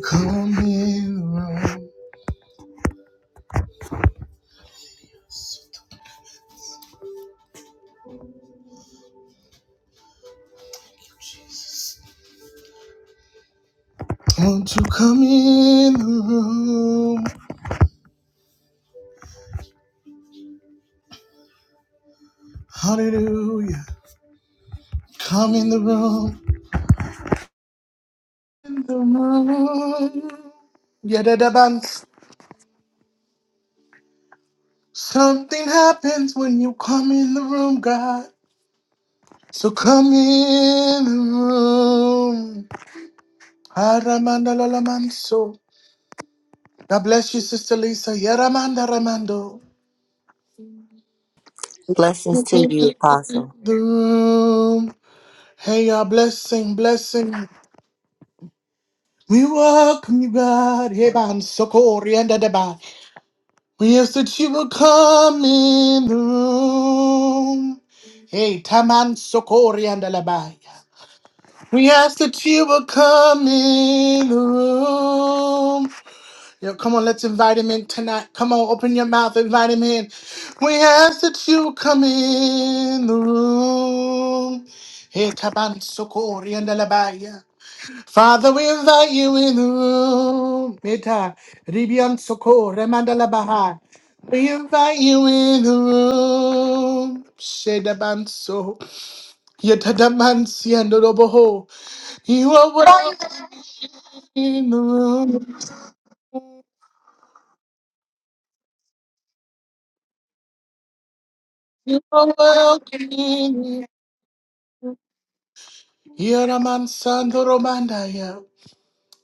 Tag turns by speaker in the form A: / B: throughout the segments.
A: Come in the room. Won't you come in the room? Hallelujah. Come in the room. In the room. Yeah, that about something happens when you come in the room, God. So come in the room. Aramanda lalamanso. God bless you, Sister Lisa. Yaramanda ramando.
B: Blessings to you, Apostle.
A: The room. Hey, y'all, blessing, blessing. We welcome you, God. Heban Sokori and Adaba. We ask that you will come in the room. Hey, Taman Sokori and Adaba. We ask that you will come in the room. Yo, come on, let's invite him in tonight. Come on, open your mouth, invite him in. We ask that you will come in the room. Hey, Taban Sokori and Adaba. Father, we invite you in the room. Meta, Ribian Soko, Remandala Baha. We invite you in the room. Shedabanso, Yetadamansi and Roboho. You are welcome in the room. You are welcome in Yaraman Sando Romandaya.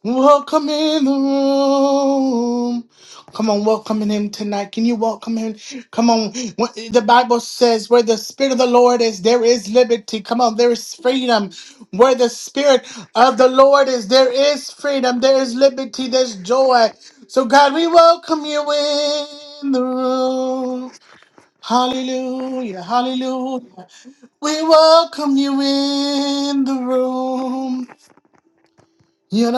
A: Welcome in the room. Come on, welcome in him tonight. Can you welcome him? Come on. What- The Bible says, where the Spirit of the Lord is, there is liberty. Come on, there is freedom. Where the Spirit of the Lord is, there is freedom. There is liberty. There's joy. So, God, we welcome you in the room. Hallelujah. Hallelujah. We welcome you in the room. You're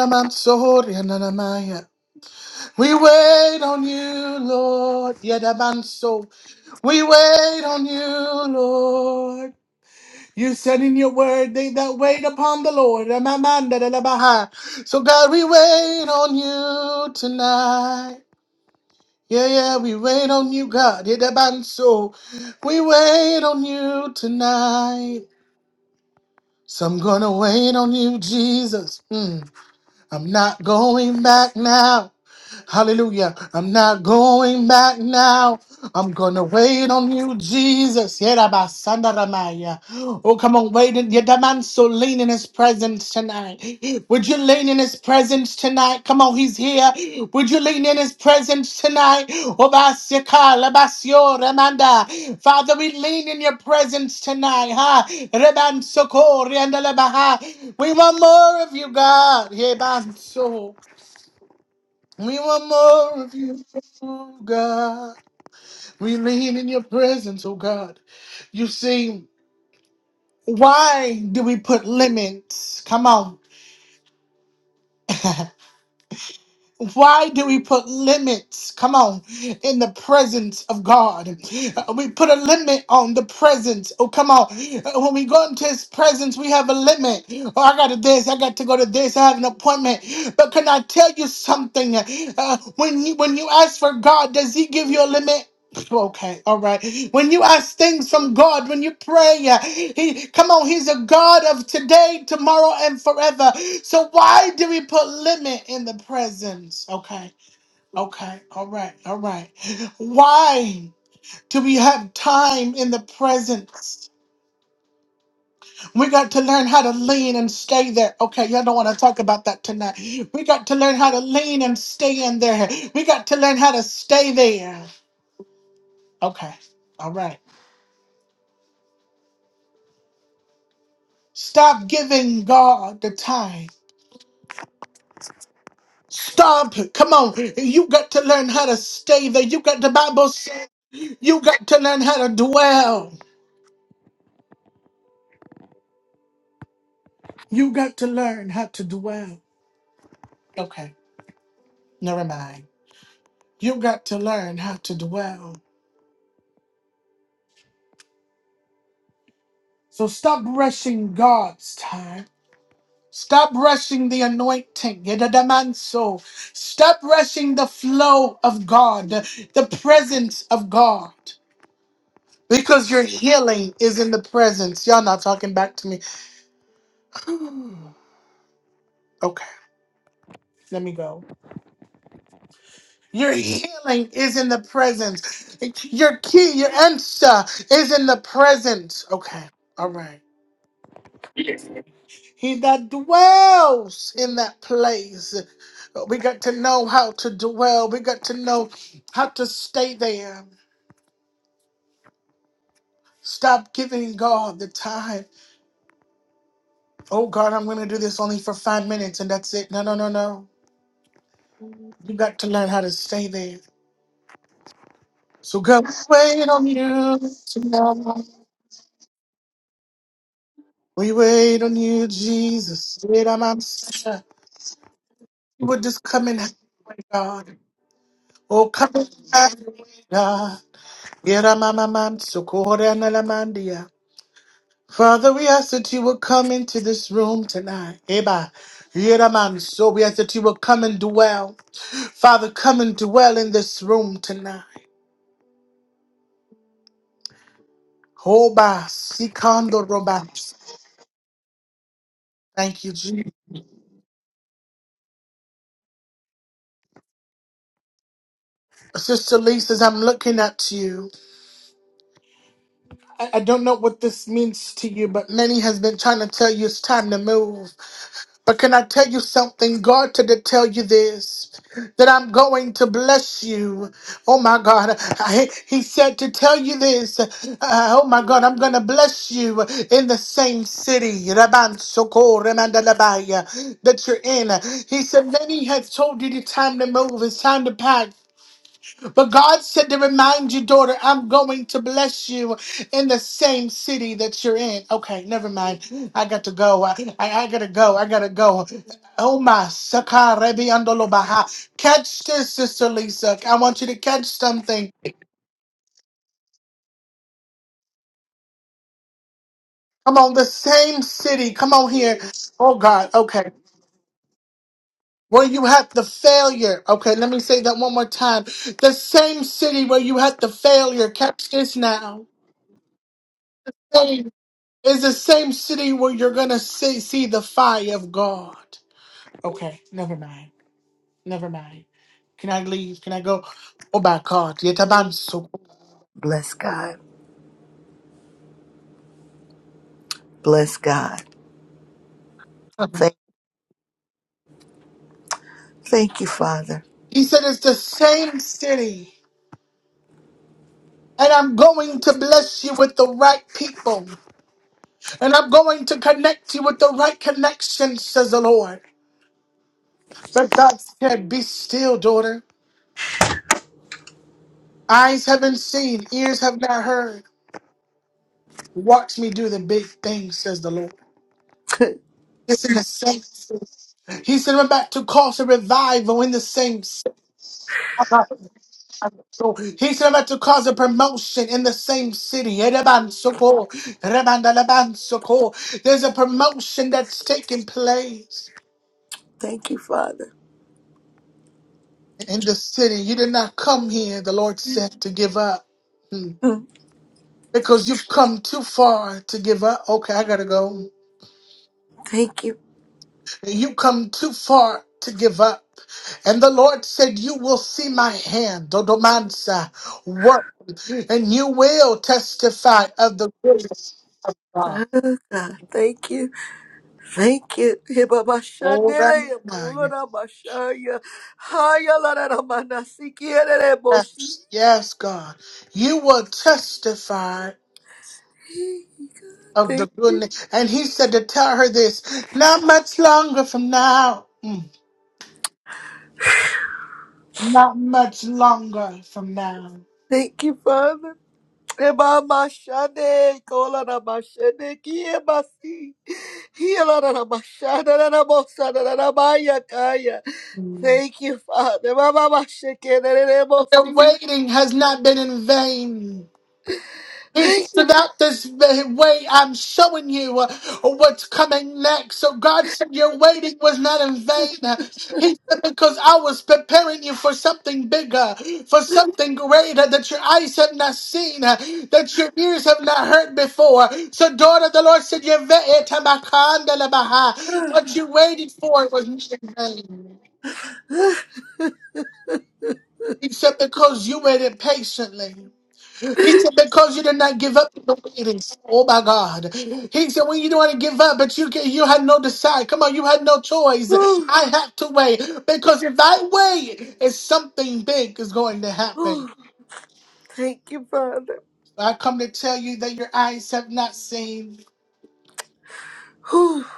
A: we wait on you, Lord. Yadabanso. We wait on you, Lord. You said in your word, they that wait upon the Lord. Amamanda da da baha. So, God, we wait on you tonight. Yeah, yeah, we wait on you, God. Yadabanso. We wait on you tonight. So I'm gonna wait on you, Jesus. Mm. I'm not going back now. Hallelujah. I'm not going back now. I'm gonna wait on you, Jesus. Yerabasandaramaya. Oh, come on, wait. in- Yedaman, So lean in his presence tonight. Would you lean in his presence tonight? Come on, he's here. Would you lean in his presence tonight? Obasika, labasio, remanda. Father, we lean in your presence tonight. Ha. Reban, soko, riandalabaha. We want more of you, God. Yebanso. We want more of you, oh God. We lean in your presence, oh God. You see, why do we put limits? Come on. Why do we put limits? Come on, in the presence of God. Uh, We put a limit on the presence. Oh, come on. Uh, When we go into His presence, we have a limit. Oh, I got to this. I got to go to this. I have an appointment. But can I tell you something? Uh, when you when you ask for God, does He give you a limit? Okay, all right. When you ask things from God, when you pray, uh, he, come on, He's a God of today, tomorrow, and forever. So why do we put limit in the presence? Okay, okay, all right, all right. Why do we have time in the presence? We got to learn how to lean and stay there. Okay, y'all don't want to talk about that tonight. We got to learn how to lean and stay in there. We got to learn how to stay there. Okay, all right. Stop giving God the time. Stop. Come on. You got to learn how to stay there. You got the Bible says you got to learn how to dwell. You got to learn how to dwell. Okay, never mind. You got to learn how to dwell. So stop rushing God's time. Stop rushing the anointing. Yedadamanso. Stop rushing the flow of God, the the presence of God. Because your healing is in the presence. Y'all not talking back to me. Okay, let me go. Your healing is in the presence. Your key, your answer is in the presence. Okay, all right. He that dwells in that place. We got to know how to dwell. We got to know how to stay there. Stop giving God the time. Oh God, I'm gonna do this only for five minutes and that's it. No, no, no, no. You got to learn how to stay there. So God, we wait on you tonight. We wait on you, Jesus. Wait on my Messiah. You would just come and have your way, God. Oh, come and have your way, God. Get on my mind, so God, and on my mind, yeah. Father, we ask that you will come into this room tonight. Eba. Get on my mind, So we ask that you will come and dwell. Father, come and dwell in this room tonight. Hoba, sikando roba. Thank you, Jesus. Sister Lisa, as I'm looking at you, I, I don't know what this means to you, but many has been trying to tell you it's time to move. But can I tell you something? God to to tell you this, that I'm going to bless you. Oh my God. I- he said to tell you this. uh, oh my God, I'm going to bless you in the same city Raban Soko, Remandalabaya, that you're in. He said, many has told you the time to move. It's time to pack. But God said to remind you, daughter, I'm going to bless you in the same city that you're in. Okay, never mind. I got to go. I, I, I gotta go. I gotta go. Oh my Sakarebi Andolobaha. Catch this, Sister Lisa. I want you to catch something. Come on, the same city. Come on here. Oh God, okay. Where you had the failure. Okay, let me say that one more time. The same city where you had the failure. Catch this now. Hey. It's the same city where you're gonna see, see the fire of God. Okay, never mind. Never mind. Can I leave? Can I go? Oh my God, Yetabansu.
B: Bless God. Bless God. Thank, thank you, Father.
A: He said it's the same city. And I'm going to bless you with the right people. And I'm going to connect you with the right connections, says the Lord. But God said, Be still, daughter. Eyes haven't seen, ears have not heard. Watch me do the big things, says the Lord. It's in the same. He said, I'm about to cause a revival in the same city. He said, I'm about to cause a promotion in the same city. Erebansoko, Rebandalabansoko. There's a promotion that's taking place
B: Thank you, Father.
A: in the city. You did not come here, the Lord said, to give up. Hmm.
B: Mm,
A: Because you've come too far to give up. Okay, I gotta go.
B: Thank you,
A: You come too far to give up. And the Lord said, You will see my hand, Dodomansa, work, and you will testify of the goodness of God.
B: God. Thank you. Thank you.
A: Oh,
B: Hibabashanele,
A: that-
B: Bolorabashaya, Hayalaramanasikieleleboshi.
A: yes, yes, God. You will testify of the
B: Thank,
A: goodness. And He said to tell her this not much longer from now. Mm. Not much longer from now.
B: thank you, Father. Hibamashane, Kolarabashane, Kiebasi. Hiyalarabashadarabosadarabaya.
A: Mm.
B: Thank you, Father.
A: The
B: Mamabashekererebosi.
A: waiting has not been in vain.
B: Thank
A: It's
B: you.
A: about this very way I'm showing you uh, what's coming next. So God said your waiting was not in vain. He said because I was preparing you for something bigger, for something greater that your eyes have not seen, uh, that your ears have not heard before. So daughter, the Lord said your ve- what you waited for was not in vain. He said because you waited patiently. He said, because you did not give up in the waiting. Oh my God. He said, when you don't want to give up, but you can, you had no decide. Come on, you had no choice. I have to wait. Because if I wait, it's something big is going to happen.
B: Thank you, Father.
A: I come to tell you that your eyes have not seen,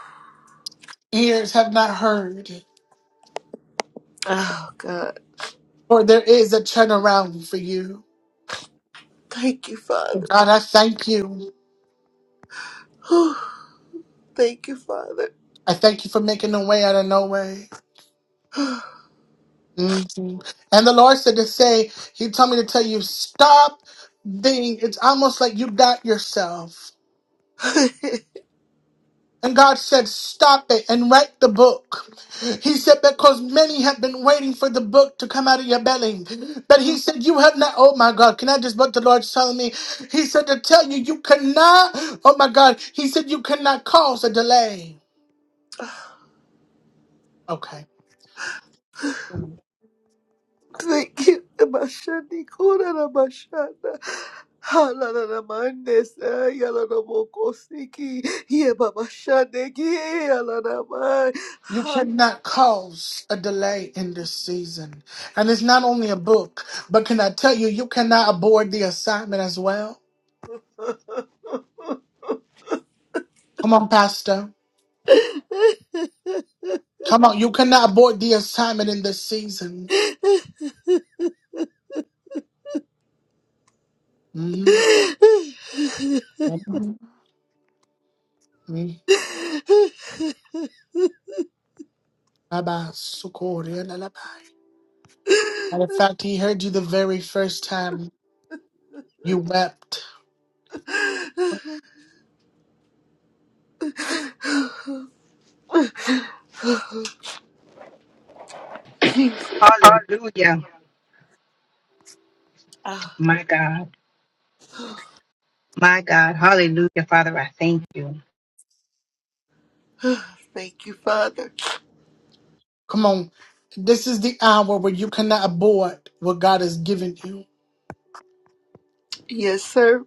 A: ears have not heard,
B: Oh, God.
A: for there is a turnaround for you.
B: Thank you, Father.
A: God, I thank you.
B: Thank you, Father.
A: I thank you for making a way out of no way. hmm And the Lord said to say, He told me to tell you, stop being, it's almost like you got yourself. And God said, stop it and write the book. He said, because many have been waiting for the book to come out of your belly. But He said, you have not, oh my God, can I just, what the Lord's telling me? He said to tell you, you cannot, oh my God, He said, you cannot cause a delay. Okay.
B: Thank you. Mashani kura na mashana. Hala na na mandes. Yala na moko siki. Ye mama shane ki. Yala na mai.
A: You cannot cause a delay in this season. And it's not only a book, but can I tell you, you cannot abort the assignment as well? Come on, Pastor. Come on, you cannot abort the assignment in this season. Mhm. Mhm. Mhm. Abba, Sukori, and Alabai. Matter of fact, he heard you the very first time you wept.
C: Hallelujah.
B: Ah,
C: My God. My God. Hallelujah. Father, I thank you.
B: thank you, Father.
A: Come on. This is the hour where you cannot abort what God has given you.
B: Yes, sir.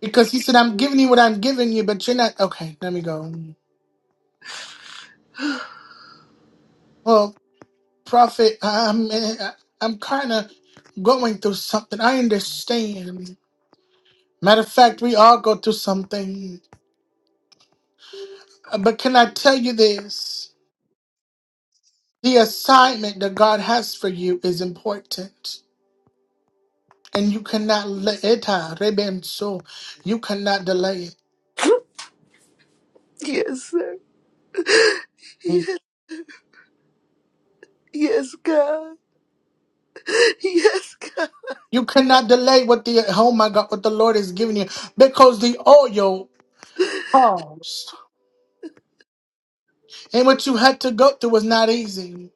A: Because he said, I'm giving you what I'm giving you, but you're not. Okay, let me go. Well, Prophet, I'm eh, I'm kind of going through something. I understand. Matter of fact, we all go through something. Uh, But can I tell you this? The assignment that God has for you is important, and you cannot let it. uh, reben- So you cannot delay it.
B: Yes, sir. Ye- Yes, God. Yes, God.
A: You cannot delay what the oh my God, what the Lord is giving you, because the oil paused, and what you had to go through was not easy.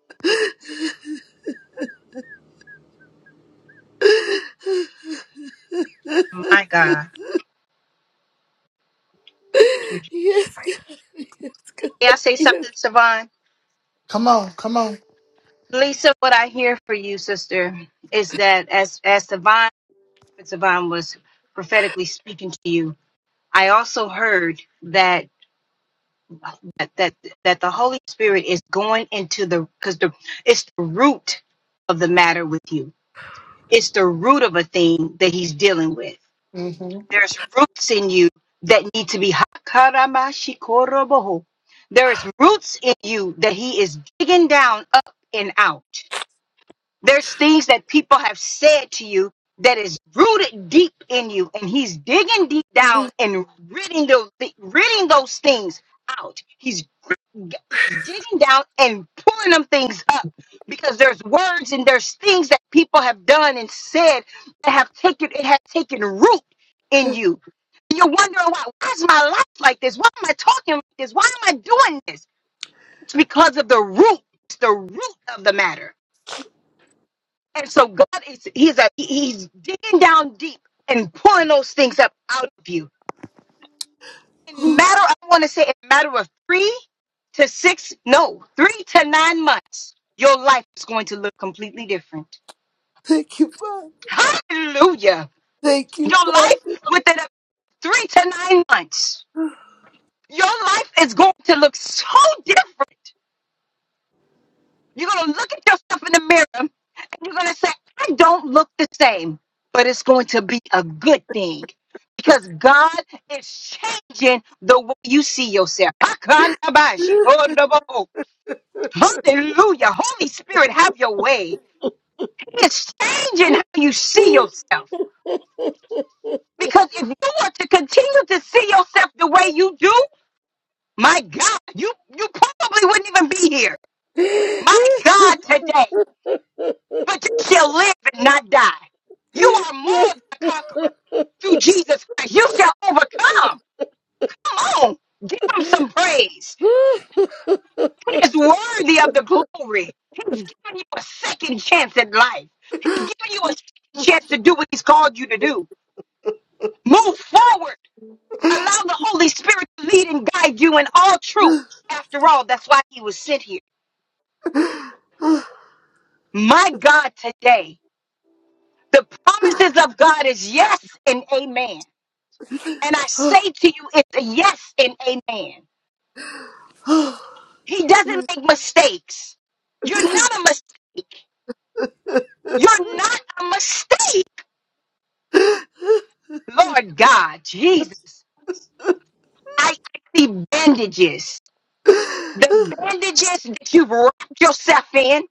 C: My God. Thank you,
B: Yes, God. Yes, God.
C: May I say
B: Yes.
C: something, Savon?
A: Come on, come on.
C: Lisa, what I hear for you, sister, is that as as Savon, Savon was prophetically speaking to you, I also heard that that that, that the Holy Spirit is going into the because the it's the root of the matter with you. It's the root of a thing that he's dealing with.
A: hmm
C: There's roots in you that need to be Hakaramashikoroboho. There is roots in you that he is digging down up and out. There's things that people have said to you that is rooted deep in you, and he's digging deep down and ridding those ridding those things out. He's, gr- he's digging down and pulling them things up because there's words and there's things that people have done and said that have taken it has taken root in you. And you're wondering why why is my life like this? Why am I talking like this? Why am I doing this? It's because of the root. It's the root of the matter. And so God is He's a He's digging down deep and pulling those things up out of you. In matter,
B: Oh,
C: I want to say in matter of three to six, no, three to nine months, your life is going to look completely different.
B: thank you, Father.
C: Hallelujah.
B: Thank you,
C: Your life within a three to nine months, your life is going to look so different. You're going to look at yourself in the mirror and you're going to say, I don't look the same, but it's going to be a good thing because God is changing the way you see yourself. Hallelujah. Holy Spirit, have your way. It's changing how you see yourself because if you were to continue to see yourself the way you do, my God, you, you probably wouldn't even be here. My God, today.
B: Father.
C: but you shall live and not die. You are more than a conqueror through Jesus Christ. You shall overcome. Come on, give him some praise. He is worthy of the glory. He's giving you a second chance at life. He's giving you a second chance to do what he's called you to do. Move forward. Allow the Holy Spirit to lead and guide you in all truth. After all, that's why he was sent here. My God, today, the promises of God is yes and amen. And I say to you, it's a yes and amen. He doesn't make mistakes. You're not a mistake. You're not a mistake. Lord God, Jesus, I I see bandages. The bandages that you've wrapped yourself in,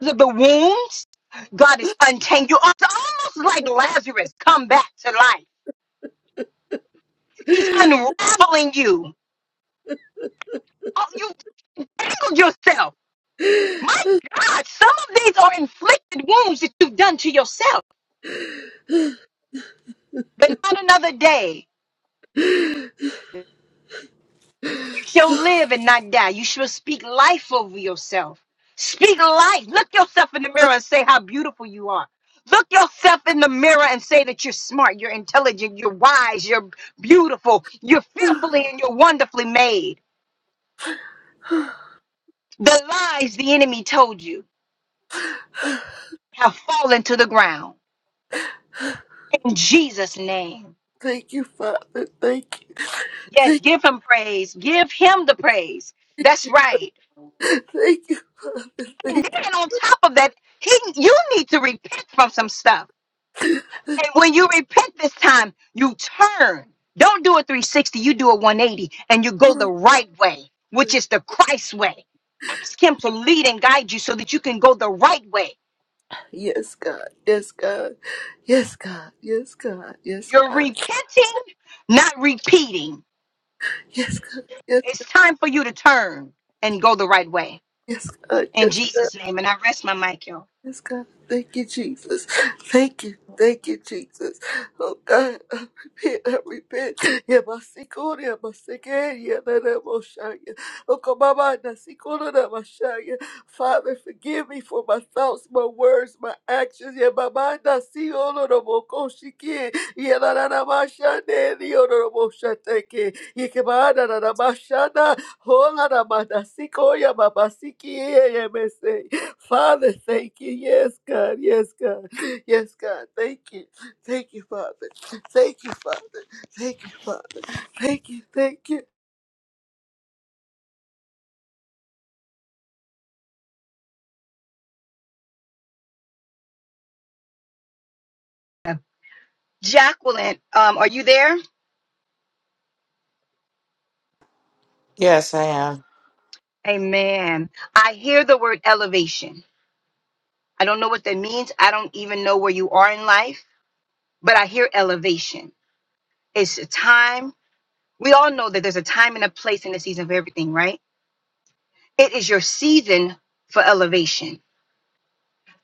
C: the, the wounds, God is untangling. It's almost like Lazarus come back to life. He's unraveling you. Oh, you tangled yourself. My God, some of these are inflicted wounds that you've done to yourself, but not another day. You shall live and not die. You shall speak life over yourself. Speak life. Look yourself in the mirror and say how beautiful you are. Look yourself in the mirror and say that you're smart, you're intelligent, you're wise, you're beautiful, you're fearfully and you're wonderfully made. The lies the enemy told you have fallen to the ground. In Jesus' name.
B: Thank you, Father. Thank you.
C: Yes,
B: Thank,
C: give him praise. Give him the praise. That's right.
B: thank you, Father.
C: And
B: Thank
C: then on top of that, he you need to repent from some stuff. And when you repent this time, you turn. Don't do a 360, you do a 180 and you go the
B: you.
C: right way, which is the Christ way. Ask him to lead and guide you so that you can go the right way.
B: Yes, God. Yes, God. Yes, God. Yes, God. Yes,
C: You're
B: God.
C: repenting, not repeating.
B: Yes, God. Yes,
C: It's time for you to turn and go the right way.
B: yes, God.
C: In
B: Yes.
C: Jesus' name. And I rest my mic, y'all.
B: Yes, God. Thank you, Jesus. Thank you. Thank you, Jesus. Oh, God, I repent. I repent. Yeah, my sikuni, yeah, my sikuni, yeah, that i will on shire. Oh, come on, my na sikuni, that I'm shire. Father, forgive me for my thoughts, my words, my actions. Yeah, my mind, I see all of them. Oh, God, she can. Yeah, that I'm shine. shire. The other I'm on shire. Thank you. Yeah, come on, that I'm shine. shire. oh, on, I'm on na sikuni, yeah, my sikuni, yeah, yeah, yeah, me say. Father, thank you. Yes, God. Yes, God. Yes, God. Thank you. Thank you, Father. Thank you, Father. Thank you, Father. Thank you. Thank you.
C: Jacqueline, um, are you there?
D: Yes, I am.
C: Amen. I hear the word elevation. I don't know what that means. I don't even know where you are in life, but I hear elevation. It's a time. We all know that there's a time and a place and a season for everything, right? It is your season for elevation.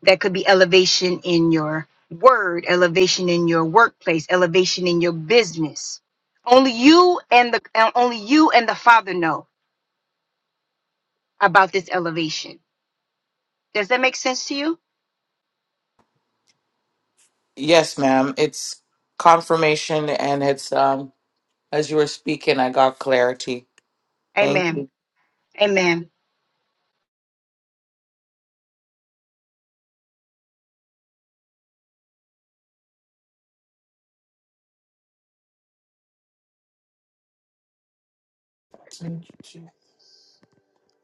C: That could be elevation in your word, elevation in your workplace, elevation in your business. Only you and the uh, only you and the Father know about this elevation. Does that make sense to you?
D: Yes, ma'am. It's confirmation and it's um as you were speaking, I got clarity. Thank
C: Amen.
D: you.
C: Amen.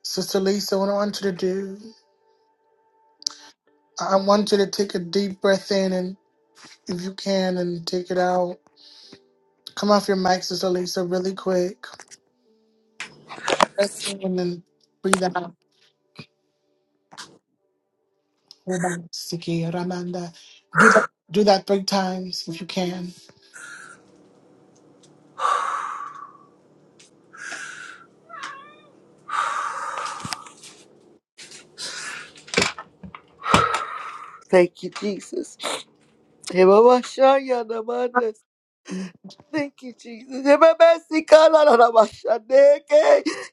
A: Sister Lisa, what I want you to do, I I want you to take a deep breath in and if you can and take it out. Come off your mic, Sister Lisa, really quick. Breath in and breathe out. Siki Ramanda. Do that, do that three times if you can.
B: Thank you, Jesus. Thank you, Jesus.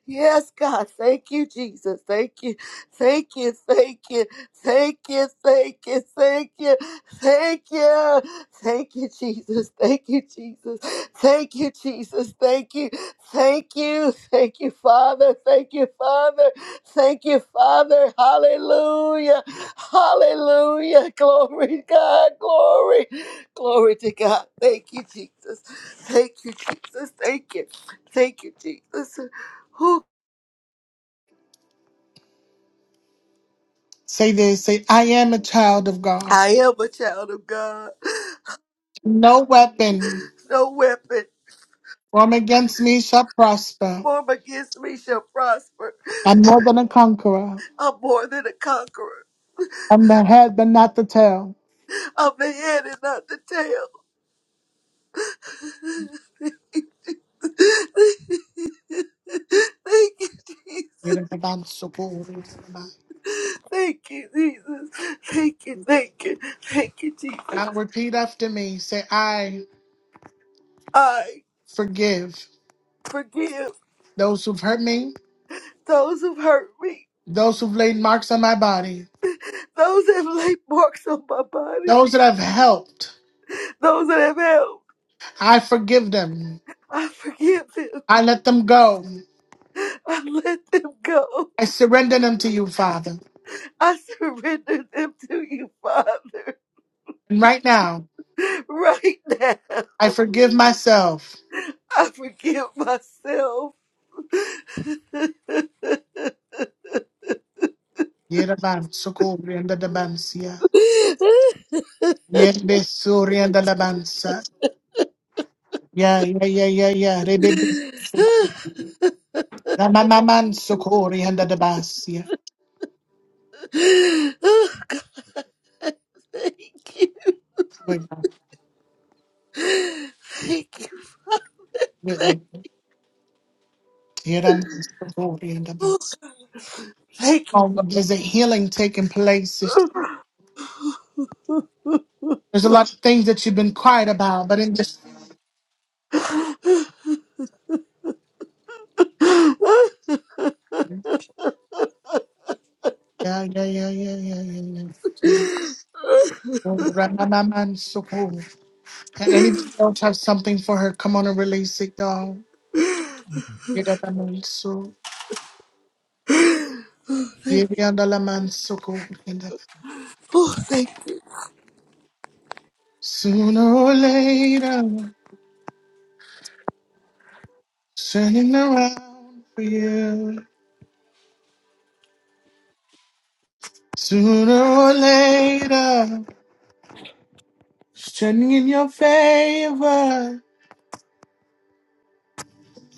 B: Yes, God. Thank you, Jesus. Thank you. Thank you. Thank you. Thank you. Thank you. Thank you. Thank you. Thank you, Jesus. Thank you, Jesus. Thank you, Jesus. Thank you. Thank you. Thank you, Father. Thank you, Father. Thank you, Father. Hallelujah. Hallelujah. Glory to God. Glory. Glory to God. Thank you, Jesus. Thank you, Jesus. Thank you. Thank you, Jesus. Who
A: Say this. Say, I am a child of God.
B: I am a child of God.
A: No weapon
B: No weapon
A: formed against me shall prosper.
B: formed against me shall prosper.
A: I'm more than a conqueror.
B: I'm more than a conqueror.
A: I'm the head, but not the tail.
B: I'm the head and not the tail. Thank you, Jesus. Thank you, Jesus. Thank you, thank you, thank you, Jesus.
A: Now repeat after me. Say, I
B: I
A: forgive
B: forgive
A: those who've hurt me,
B: those who've hurt me,
A: those who've laid marks on my body,
B: those that have laid marks on my body,
A: those that I've helped.
B: those that have held.
A: I forgive them.
B: I forgive them.
A: I let them go.
B: I let them go.
A: I surrender them to you, Father.
B: I surrender them to you, Father,
A: And right now,
B: right now.
A: I forgive myself.
B: I forgive myself.
A: Yedaban sukurianda dabansia. Yende surianda dabansa. Yeah, yeah, yeah, yeah, yeah. Rebibi. Ramamaman sukurianda dabasia.
B: Thank you.
A: Good God.
B: Thank you.
A: Good
B: Thank
A: Lord. Yedaman sukurianda
B: you.
A: dabas.
B: Thank you,
A: Oh, there's a healing taking place.
B: Father.
A: There's there's a lot of things that you've been quiet about, but in just yeah, yeah, yeah, yeah, yeah, yeah. yeah. Ramamaman Can anybody else have something for her? Come on and release it, y'all. Yedadamansu,
B: Oh, thank you.
A: yediandalamansuku.
B: Oh, thank you,
A: Sooner or later, turning around for you. Sooner or later, it's turning in your favor.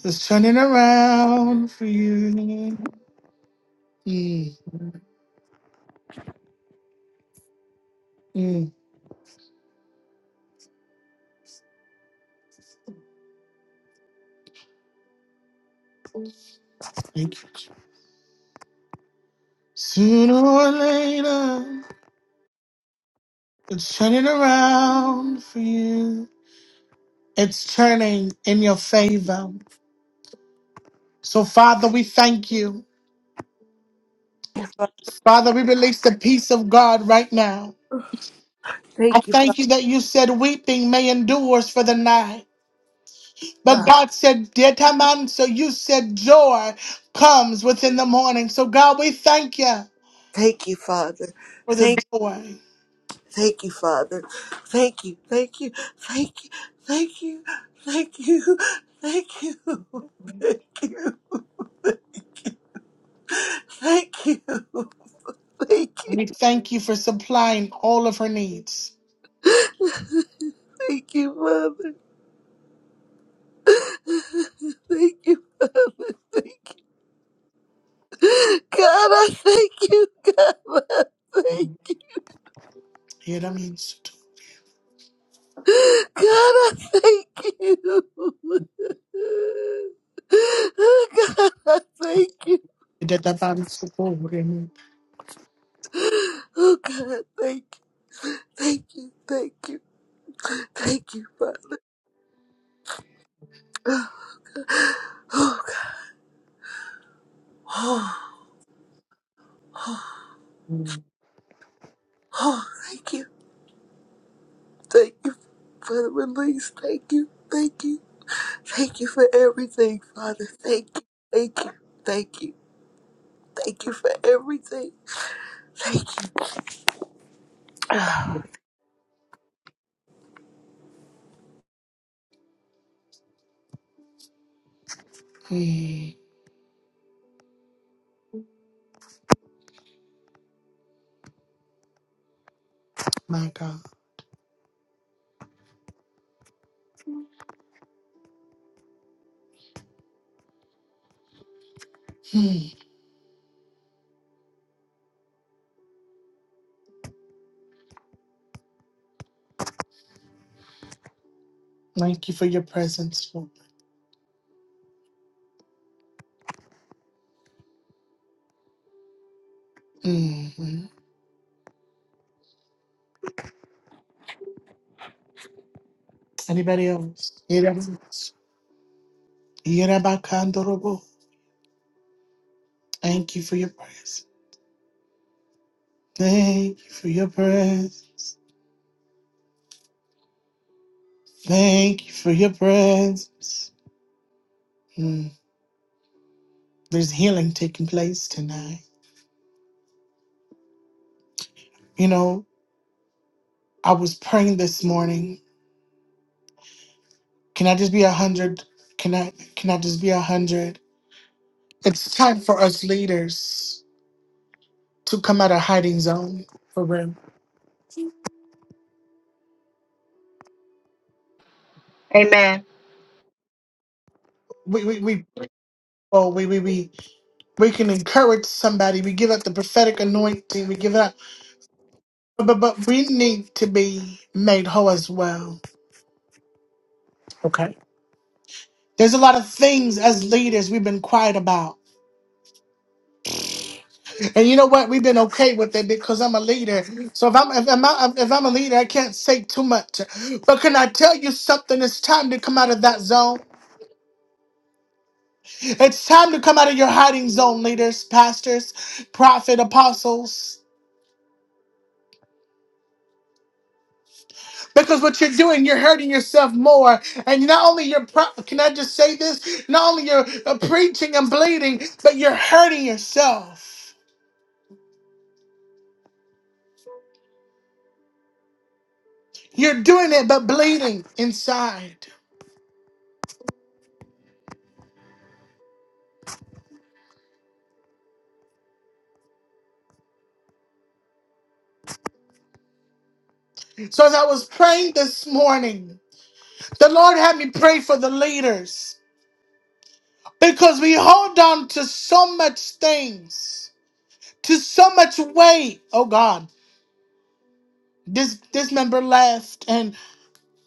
A: It's turning around for you. Mm, mm, thank you. Sooner or later, it's turning around for you. It's turning in your favor. So, Father, we thank you.
B: Father.
A: Father, we release the peace of God right now. I
B: Thank you,
A: thank you that you said weeping may endure for the night. But
B: Father.
A: God said, Detaman, so you said joy comes within the morning. So, God, we thank you
B: Thank you, Father.
A: for the
B: Thank,
A: joy.
B: thank you, Father. Thank you, thank you, thank you, thank you, thank you, thank you, thank you, thank you, thank
A: And
B: you,
A: we thank you for supplying all of her needs.
B: thank you, Father. Thank you, Father. Thank you. God, I thank you, God. I thank you.
A: Yeah, that means-
B: God, I thank you. Oh, God, I thank you.
A: Detaman, so
B: Oh, God, thank you. Thank you. Thank you. Thank you, Father. Oh, God. Oh,
A: Mm,
B: oh, thank you. Thank you for the release. Thank you. Thank you. Thank you for everything, Father. Thank you. Thank you. Thank you. Thank you for everything. Thank you.
A: My God. Mm. Thank you for your presence, Lord. Mhm. Anybody else? Anybody else? Yerabakandorobo. Thank you for your presence. Thank you for your presence. Thank you for your presence. Mm. There's healing taking place tonight. You know, I was praying this morning. Can I just be a hundred? Can I can I just be a hundred? It's time for us leaders to come out of hiding zone for real.
C: Amen.
A: We we we oh we we we We can encourage somebody. We give out the prophetic anointing. We give it out. But, but, but we need to be made whole as well. Okay. There's a lot of things as leaders we've been quiet about. And you know what? We've been okay with it because I'm a leader. So if I'm if I'm, not- if I'm a leader, I can't say too much. But can I tell you something? It's time to come out of that zone. It's time to come out of your hiding zone, leaders, pastors, prophet, apostles. Because what you're doing, you're hurting yourself more. And not only you're, pro- can I just say this? Not only you're uh, preaching and bleeding, but you're hurting yourself. You're doing it, but bleeding inside. So as I was praying this morning, the Lord had me pray for the leaders because we hold on to so much things, to so much weight. Oh God, this this member left, and.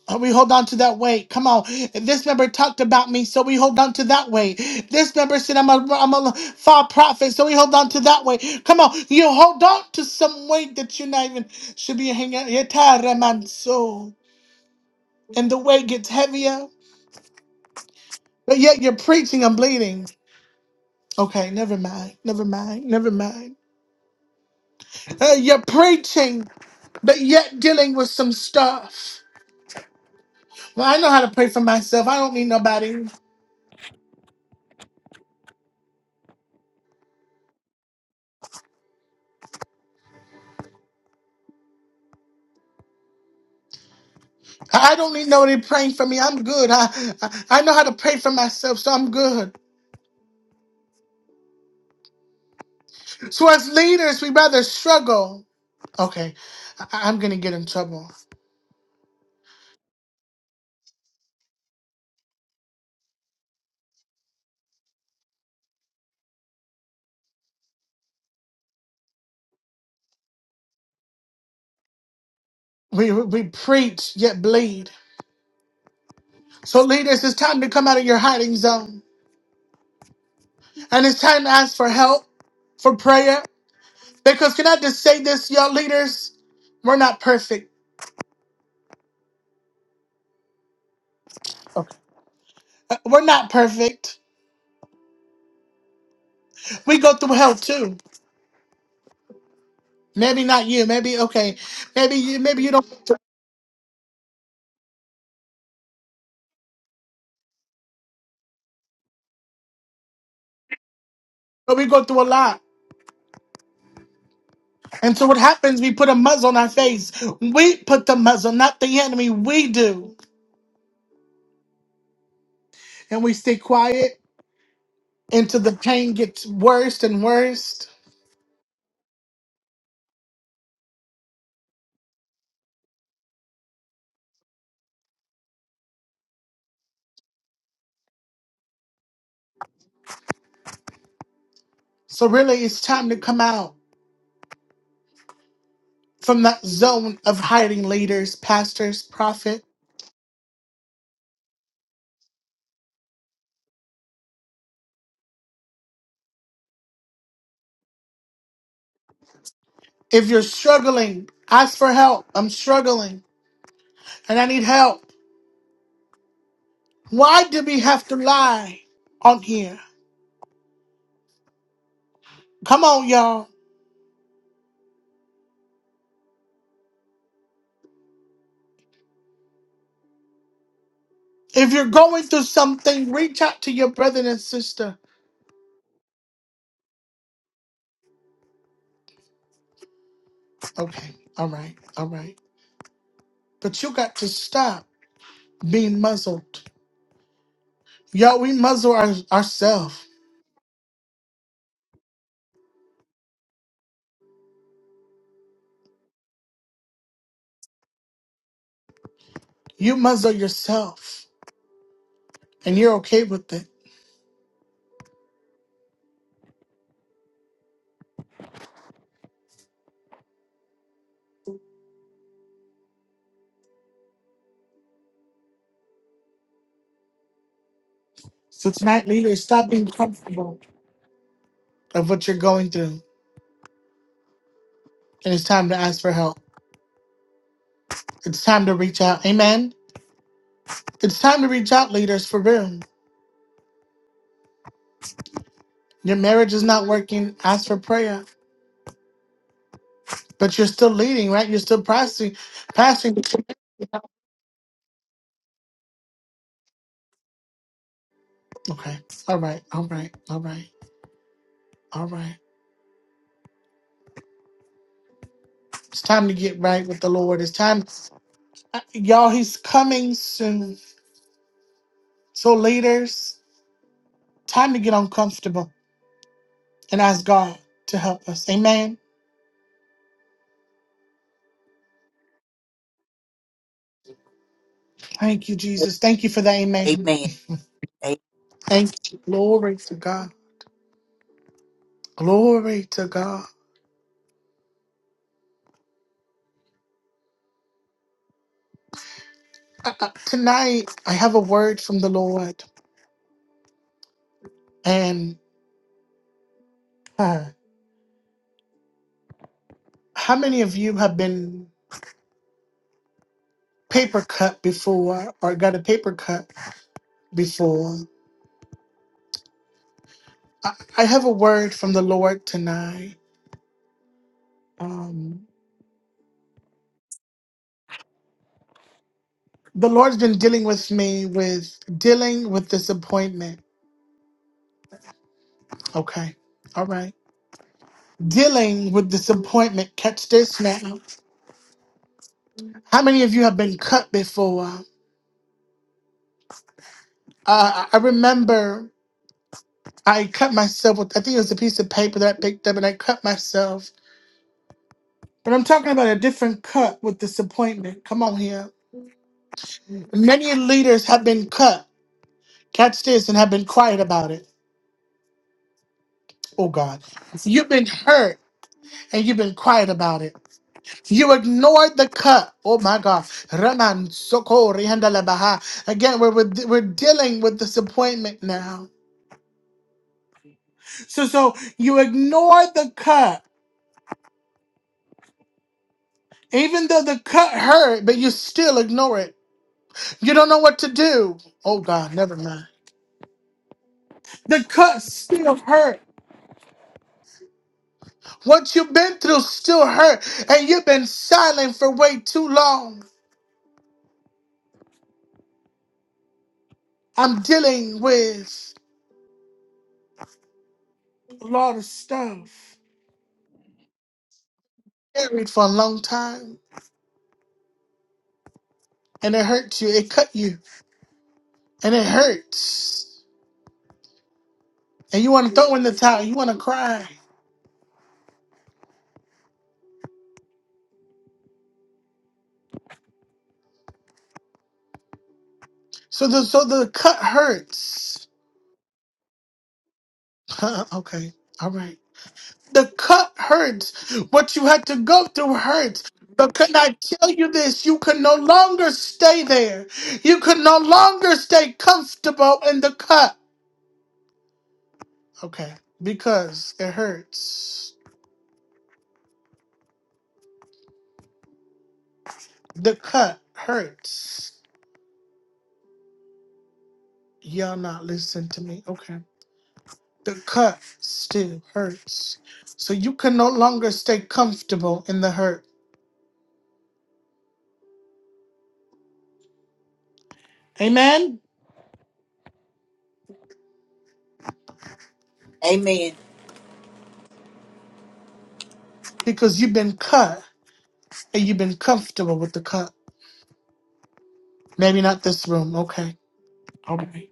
A: Oh, we hold on to that weight. Come on. This member talked about me, so we hold on to that weight. This member said I'm a, I'm a far prophet, so we hold on to that weight. Come on. You hold on to some weight that you're not even should be hanging out. Yetara manso. And the weight gets heavier, but yet you're preaching, I'm bleeding. Okay, never mind. Never mind. Never mind. Uh, you're preaching, but yet dealing with some stuff. Well, I know how to pray for myself. I don't need nobody. I don't need nobody praying for me. I'm good. I, I I know how to pray for myself, so I'm good. So as leaders, we rather struggle. Okay, I, am gonna get in trouble. We we preach yet bleed. So leaders, it's time to come out of your hiding zone, and it's time to ask for help, for prayer. Because can I just say this, y'all leaders? We're not perfect. Okay, Uh, we're not perfect. We go through hell too. Maybe not you. Maybe okay. Maybe you. Maybe you don't. But we go through a lot. And so what happens, we put a muzzle on our face. We put the muzzle, not the enemy. We do. And we stay quiet until the pain gets worse and worse. So really, it's time to come out from that zone of hiding leaders, pastors, prophet. If you're struggling, ask for help. I'm struggling and I need help. Why do we have to lie on here? Come on, y'all. If you're going through something, reach out to your brother and sister. Okay. All right. All right. But you got to stop being muzzled. Y'all, we muzzle our, ourselves. You muzzle yourself, and you're okay with it. So tonight, leaders, stop being comfortable of what you're going through, and it's time to ask for help. It's time to reach out. Amen. It's time to reach out, leaders, for real. Your marriage is not working. Ask for prayer. But you're still leading, right? You're still passing, passing. Okay. All right. All right. All right. All right. It's time to get right with the Lord. It's time. Uh, Y'all, he's coming soon. So, leaders, time to get uncomfortable and ask God to help us. Amen. Thank you, Jesus. Thank you for that. Amen. Thank you. Glory to God. Glory to God. Uh, uh, tonight, I have a word from the Lord. And uh, how many of you have been paper cut before or got a paper cut before? I, I have a word from the Lord tonight. Um. the Lord's been dealing with me with dealing with disappointment. Okay. All right. Dealing with disappointment. Catch this now. How many of you have been cut before? Uh, I remember I cut myself with, I think it was a piece of paper that I picked up and I cut myself. But I'm talking about a different cut with disappointment. Come on here. Many leaders have been cut. Catch this and have been quiet about it. Oh God. You've been hurt and you've been quiet about it. You ignored the cut. Oh my God. Raman Soko Baha. Again, we're, we're, we're dealing with disappointment now. So, so you ignored the cut, Even though the cut hurt, but you still ignore it. You don't know what to do. Oh God, never mind. The cut still hurt. What you've been through still hurt, and you've been silent for way too long. I'm dealing with a lot of stuff. Married for a long time and it hurts you. It cut you, and it hurts. And you want to throw in the towel. You want to cry. So the so the cut hurts. Huh, okay, all right. The cut hurts. What you had to go through hurts. But can I tell you this? You can no longer stay there. You can no longer stay comfortable in the cut. Okay, because it hurts. The cut hurts. Y'all not listen to me. Okay. the cut still hurts. So you can no longer stay comfortable in the hurt. Amen?
B: Amen.
A: Because you've been cut and you've been comfortable with the cut. Maybe not this room. Okay. All right.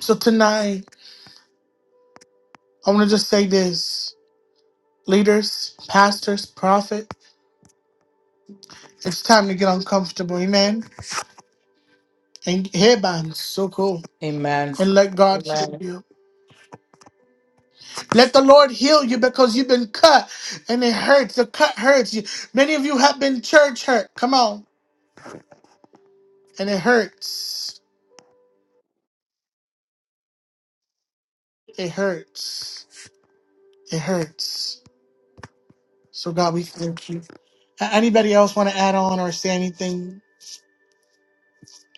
A: So tonight, I want to just say this leaders, pastors, prophet, it's time to get uncomfortable. Amen? And headbands, so cool.
D: Amen.
A: And let God heal
D: Amen.
A: you. Let the Lord heal you because you've been cut and it hurts. The cut hurts you. Many of you have been church hurt. Come on. And it hurts. It hurts. It hurts. So God, we thank you. A- Anybody else want to add on or say anything?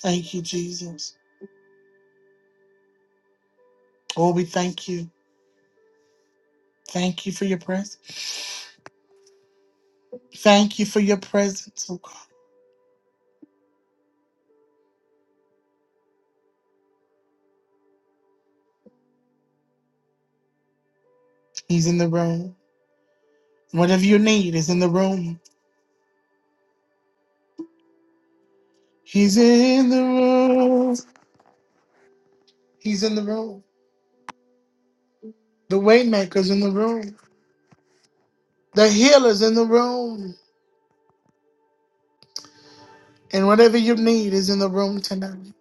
A: Thank you, Jesus. Oh, we thank you. Thank you for your presence. Thank you for your presence, oh God. He's in the room. Whatever you need is in the room. He's in the room. He's in the room. The waymaker's in the room. The healer's in the room. And whatever you need is in the room tonight.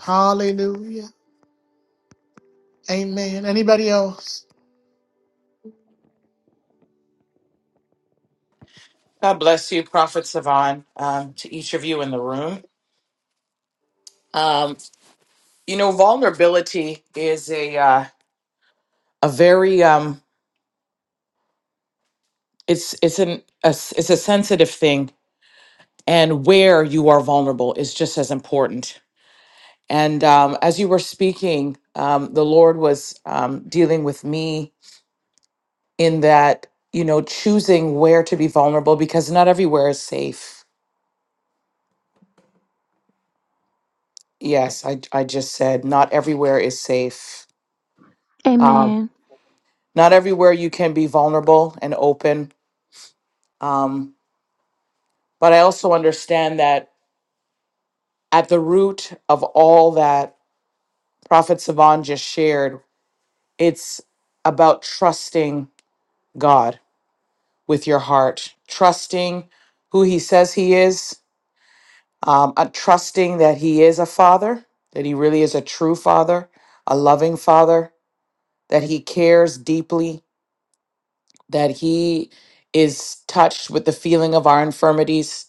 A: Hallelujah. Amen. Anybody else?
D: God bless you, Prophet Savan. um, to each of you in the room. Um, you know, vulnerability is a uh, a very um it's it's an a, s- it's a sensitive thing and where you are vulnerable is just as important. And um, as you were speaking, um, the Lord was um, dealing with me in that you know choosing where to be vulnerable because not everywhere is safe yes i, I just said not everywhere is safe
E: Amen.
D: um, not everywhere you can be vulnerable and open um, but i also understand that at the root of all that prophet savan just shared it's about trusting god with your heart trusting who he says he is um, uh, trusting that He is a father, that He really is a true father, a loving father, that He cares deeply, that He is touched with the feeling of our infirmities,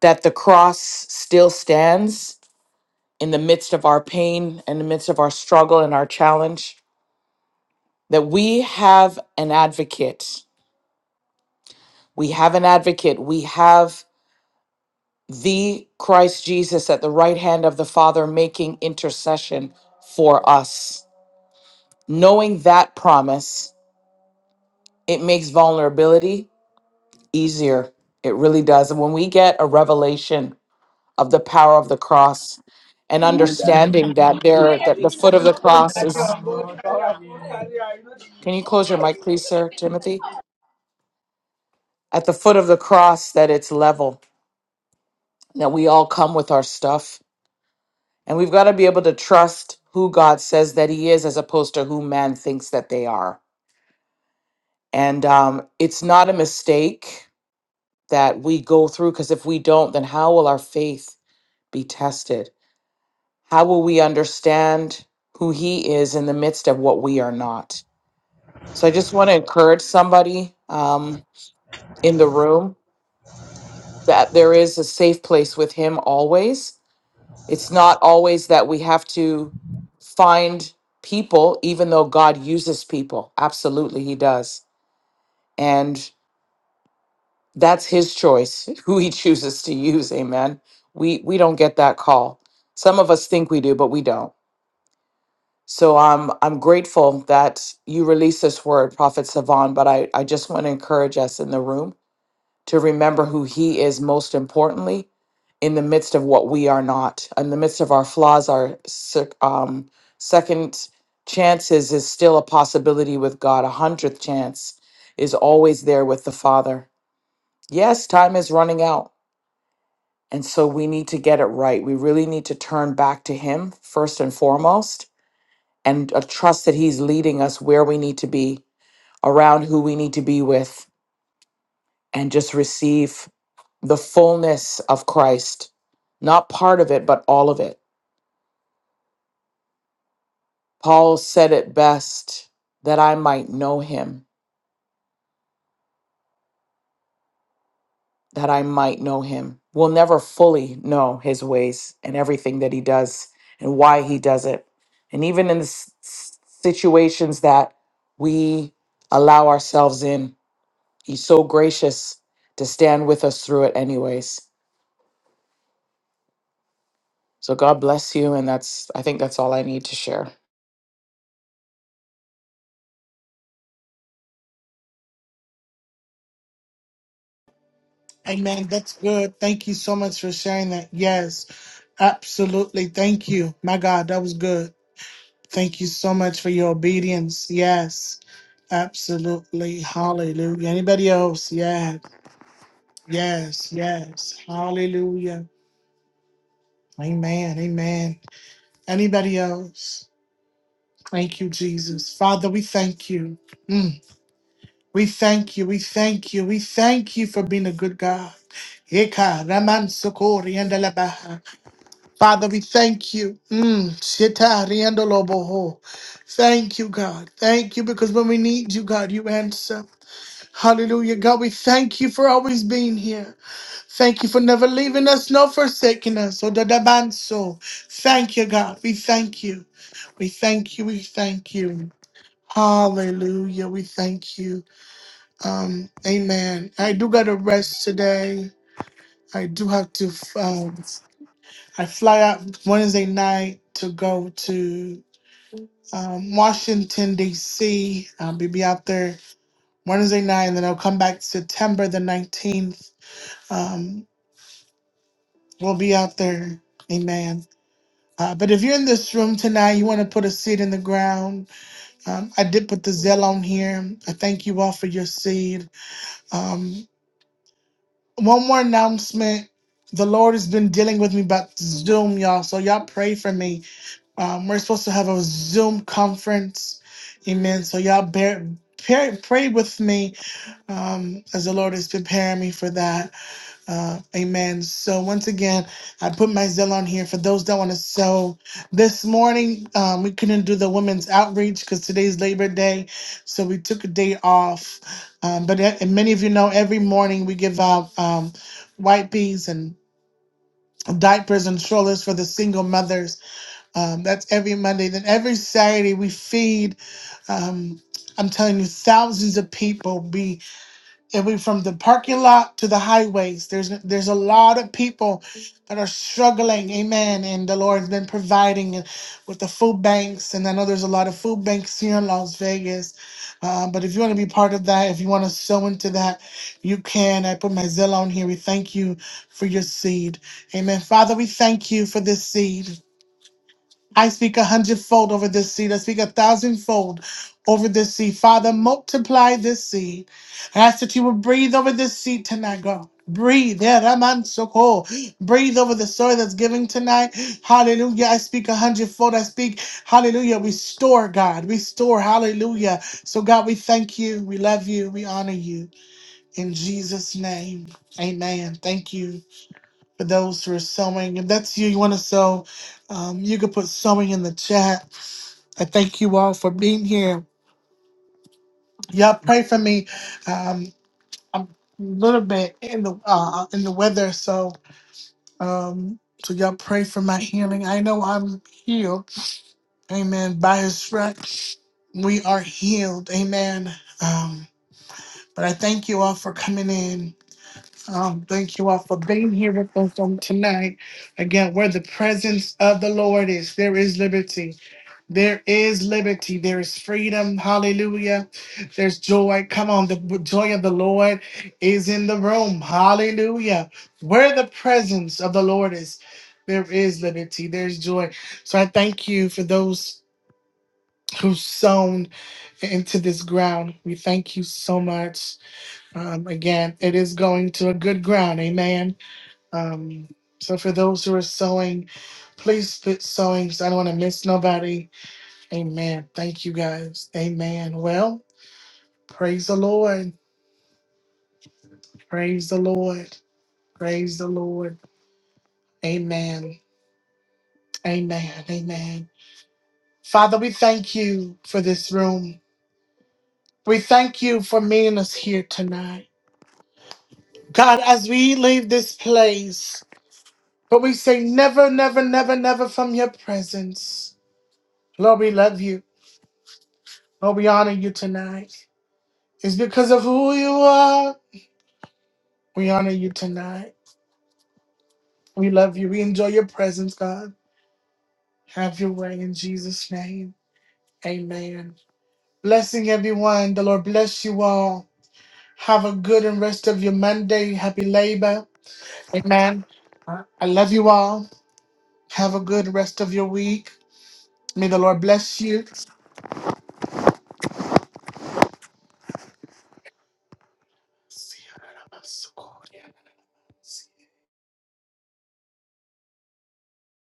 D: that the cross still stands in the midst of our pain, in the midst of our struggle and our challenge, that we have an advocate. We have an advocate. We have the Christ Jesus at the right hand of the Father making intercession for us Knowing that promise, it makes vulnerability easier. It really does. And when we get a revelation of the power of the cross and understanding that there that the foot of the cross is
F: Hallelujah.
D: can you close your mic please, sir, Timothy? At the foot of the cross that it's level, that we all come with our stuff. And we've got to be able to trust who God says that he is as opposed to who man thinks that they are. And um, it's not a mistake that we go through because if we don't then how will our faith be tested how will we understand who he is in the midst of what we are not so i just want to encourage somebody um, in the room that there is a safe place with him always it's not always that we have to find people even though god uses people absolutely he does and. that's his choice who he chooses to use amen we we don't get that call some of us think we do but we don't so i'm i'm grateful that you release this word prophet savon but i i just want to encourage us in the room to remember who he is most importantly in the midst of what we are not in the midst of our flaws our sec- um, second chances is still a possibility with god a hundredth chance is always there with the father yes time is running out And so we need to get it right. We really need to turn back to Him first and foremost and uh, trust that He's leading us where we need to be, around who we need to be with, and just receive the fullness of Christ. Not part of it, but all of it. Paul said it best that I might know Him that I might know him. We'll never fully know his ways and everything that he does and why he does it. And even in the s- s- situations that we allow ourselves in, he's so gracious to stand with us through it, anyways. So God bless you. And that's, I think that's all I need to share.
A: Amen. That's good. Thank you so much for sharing that. Yes, absolutely. Thank you. My God, that was good. Thank you so much for your obedience. Yes, absolutely. Hallelujah. Anybody else? Yes, yes, yes. Hallelujah. Amen. Amen. Anybody else? Thank you, Jesus. Father, we thank you. Mm. We thank you, we thank you, we thank you for being a good God. Eka Raman Sokori and Alabaha. Father, we thank you. Mm, Shita Rianda Loboho. Thank you, God. Thank you because when we need you, God, you answer. Hallelujah. God, we thank you for always being here. Thank you for never leaving us nor forsaking us. Oh, Dadabanso. Thank you, God. We thank you. We thank you. We thank you. Hallelujah. We thank you. Um, amen. I do got to rest today. I do have to. Um, I fly out Wednesday night to go to um, Washington D.C. I'll be, be out there Wednesday night, and then I'll come back September the nineteenth. Um, we'll be out there. Amen. Uh, but if you're in this room tonight, you want to put a seed in the ground. Um, I did put the Zell on here. I thank you all for your seed. Um, one more announcement. The Lord has been dealing with me about Zoom, y'all. So y'all pray for me. Um, we're supposed to have a Zoom conference. Amen. So y'all bear, pray, pray with me um, as the Lord is preparing me for that. Uh, amen. So once again, I put my Zell on here for those that want to sew. This morning, um, we couldn't do the women's outreach because today's Labor Day, so we took a day off. Um, but a- and many of you know, every morning we give out um, white peas and diapers and strollers for the single mothers. Um, that's every Monday. Then every Saturday we feed. Um, I'm telling you, thousands of people and we from the parking lot to the highways there's there's a lot of people that are struggling amen and the lord's been providing with the food banks and i know there's a lot of food banks here in las vegas uh, but if you want to be part of that if you want to sow into that you can i put my zillow on here we thank you for your seed amen father we thank you for this seed I speak a hundredfold over this seed. I speak a thousandfold over this seed. Father, multiply this seed. I ask that you will breathe over this seed tonight, God. Breathe, yeah, Raman Soko. Breathe over the soil that's giving tonight. Hallelujah. I speak a hundredfold. I speak, hallelujah. Restore, God. Restore, hallelujah. So, God, we thank you. We love you. We honor you. In Jesus' name, amen. Thank you for those who are sewing. If that's you, you want to sew, um, you could put sewing in the chat. I thank you all for being here. Y'all pray for me. Um, I'm a little bit in the uh, in the weather, so um, so y'all pray for my healing. I know I'm healed. Amen. By His stripes, we are healed. Amen. Um, but I thank you all for coming in. Um, thank you all for being here with us on tonight. Again, where the presence of the Lord is, there is liberty. There is liberty. There is freedom. Hallelujah. There's joy. Come on, the joy of the Lord is in the room. Hallelujah. Where the presence of the Lord is, there is liberty. There's joy. So I thank you for those who sown into this ground. We thank you so much. Um, again, it is going to a good ground. Amen. Um, so for those who are sewing, please put sewing so I don't want to miss nobody. Amen. Thank you guys. Amen. Well, praise the Lord. Praise the Lord. Praise the Lord. Amen. Amen. Amen. Father, we thank you for this room. We thank you for meeting us here tonight. God, as we leave this place, but we say never, never, never, never from your presence. Lord, we love you. Lord, we honor you tonight. It's because of who you are. We honor you tonight. We love you. We enjoy your presence, God. Have your way in Jesus' name. Amen. Blessing everyone. The Lord bless you all. Have a good and rest of your Monday. Happy labor. Amen. Uh, I love you all. Have a good rest of your week. May the Lord bless you.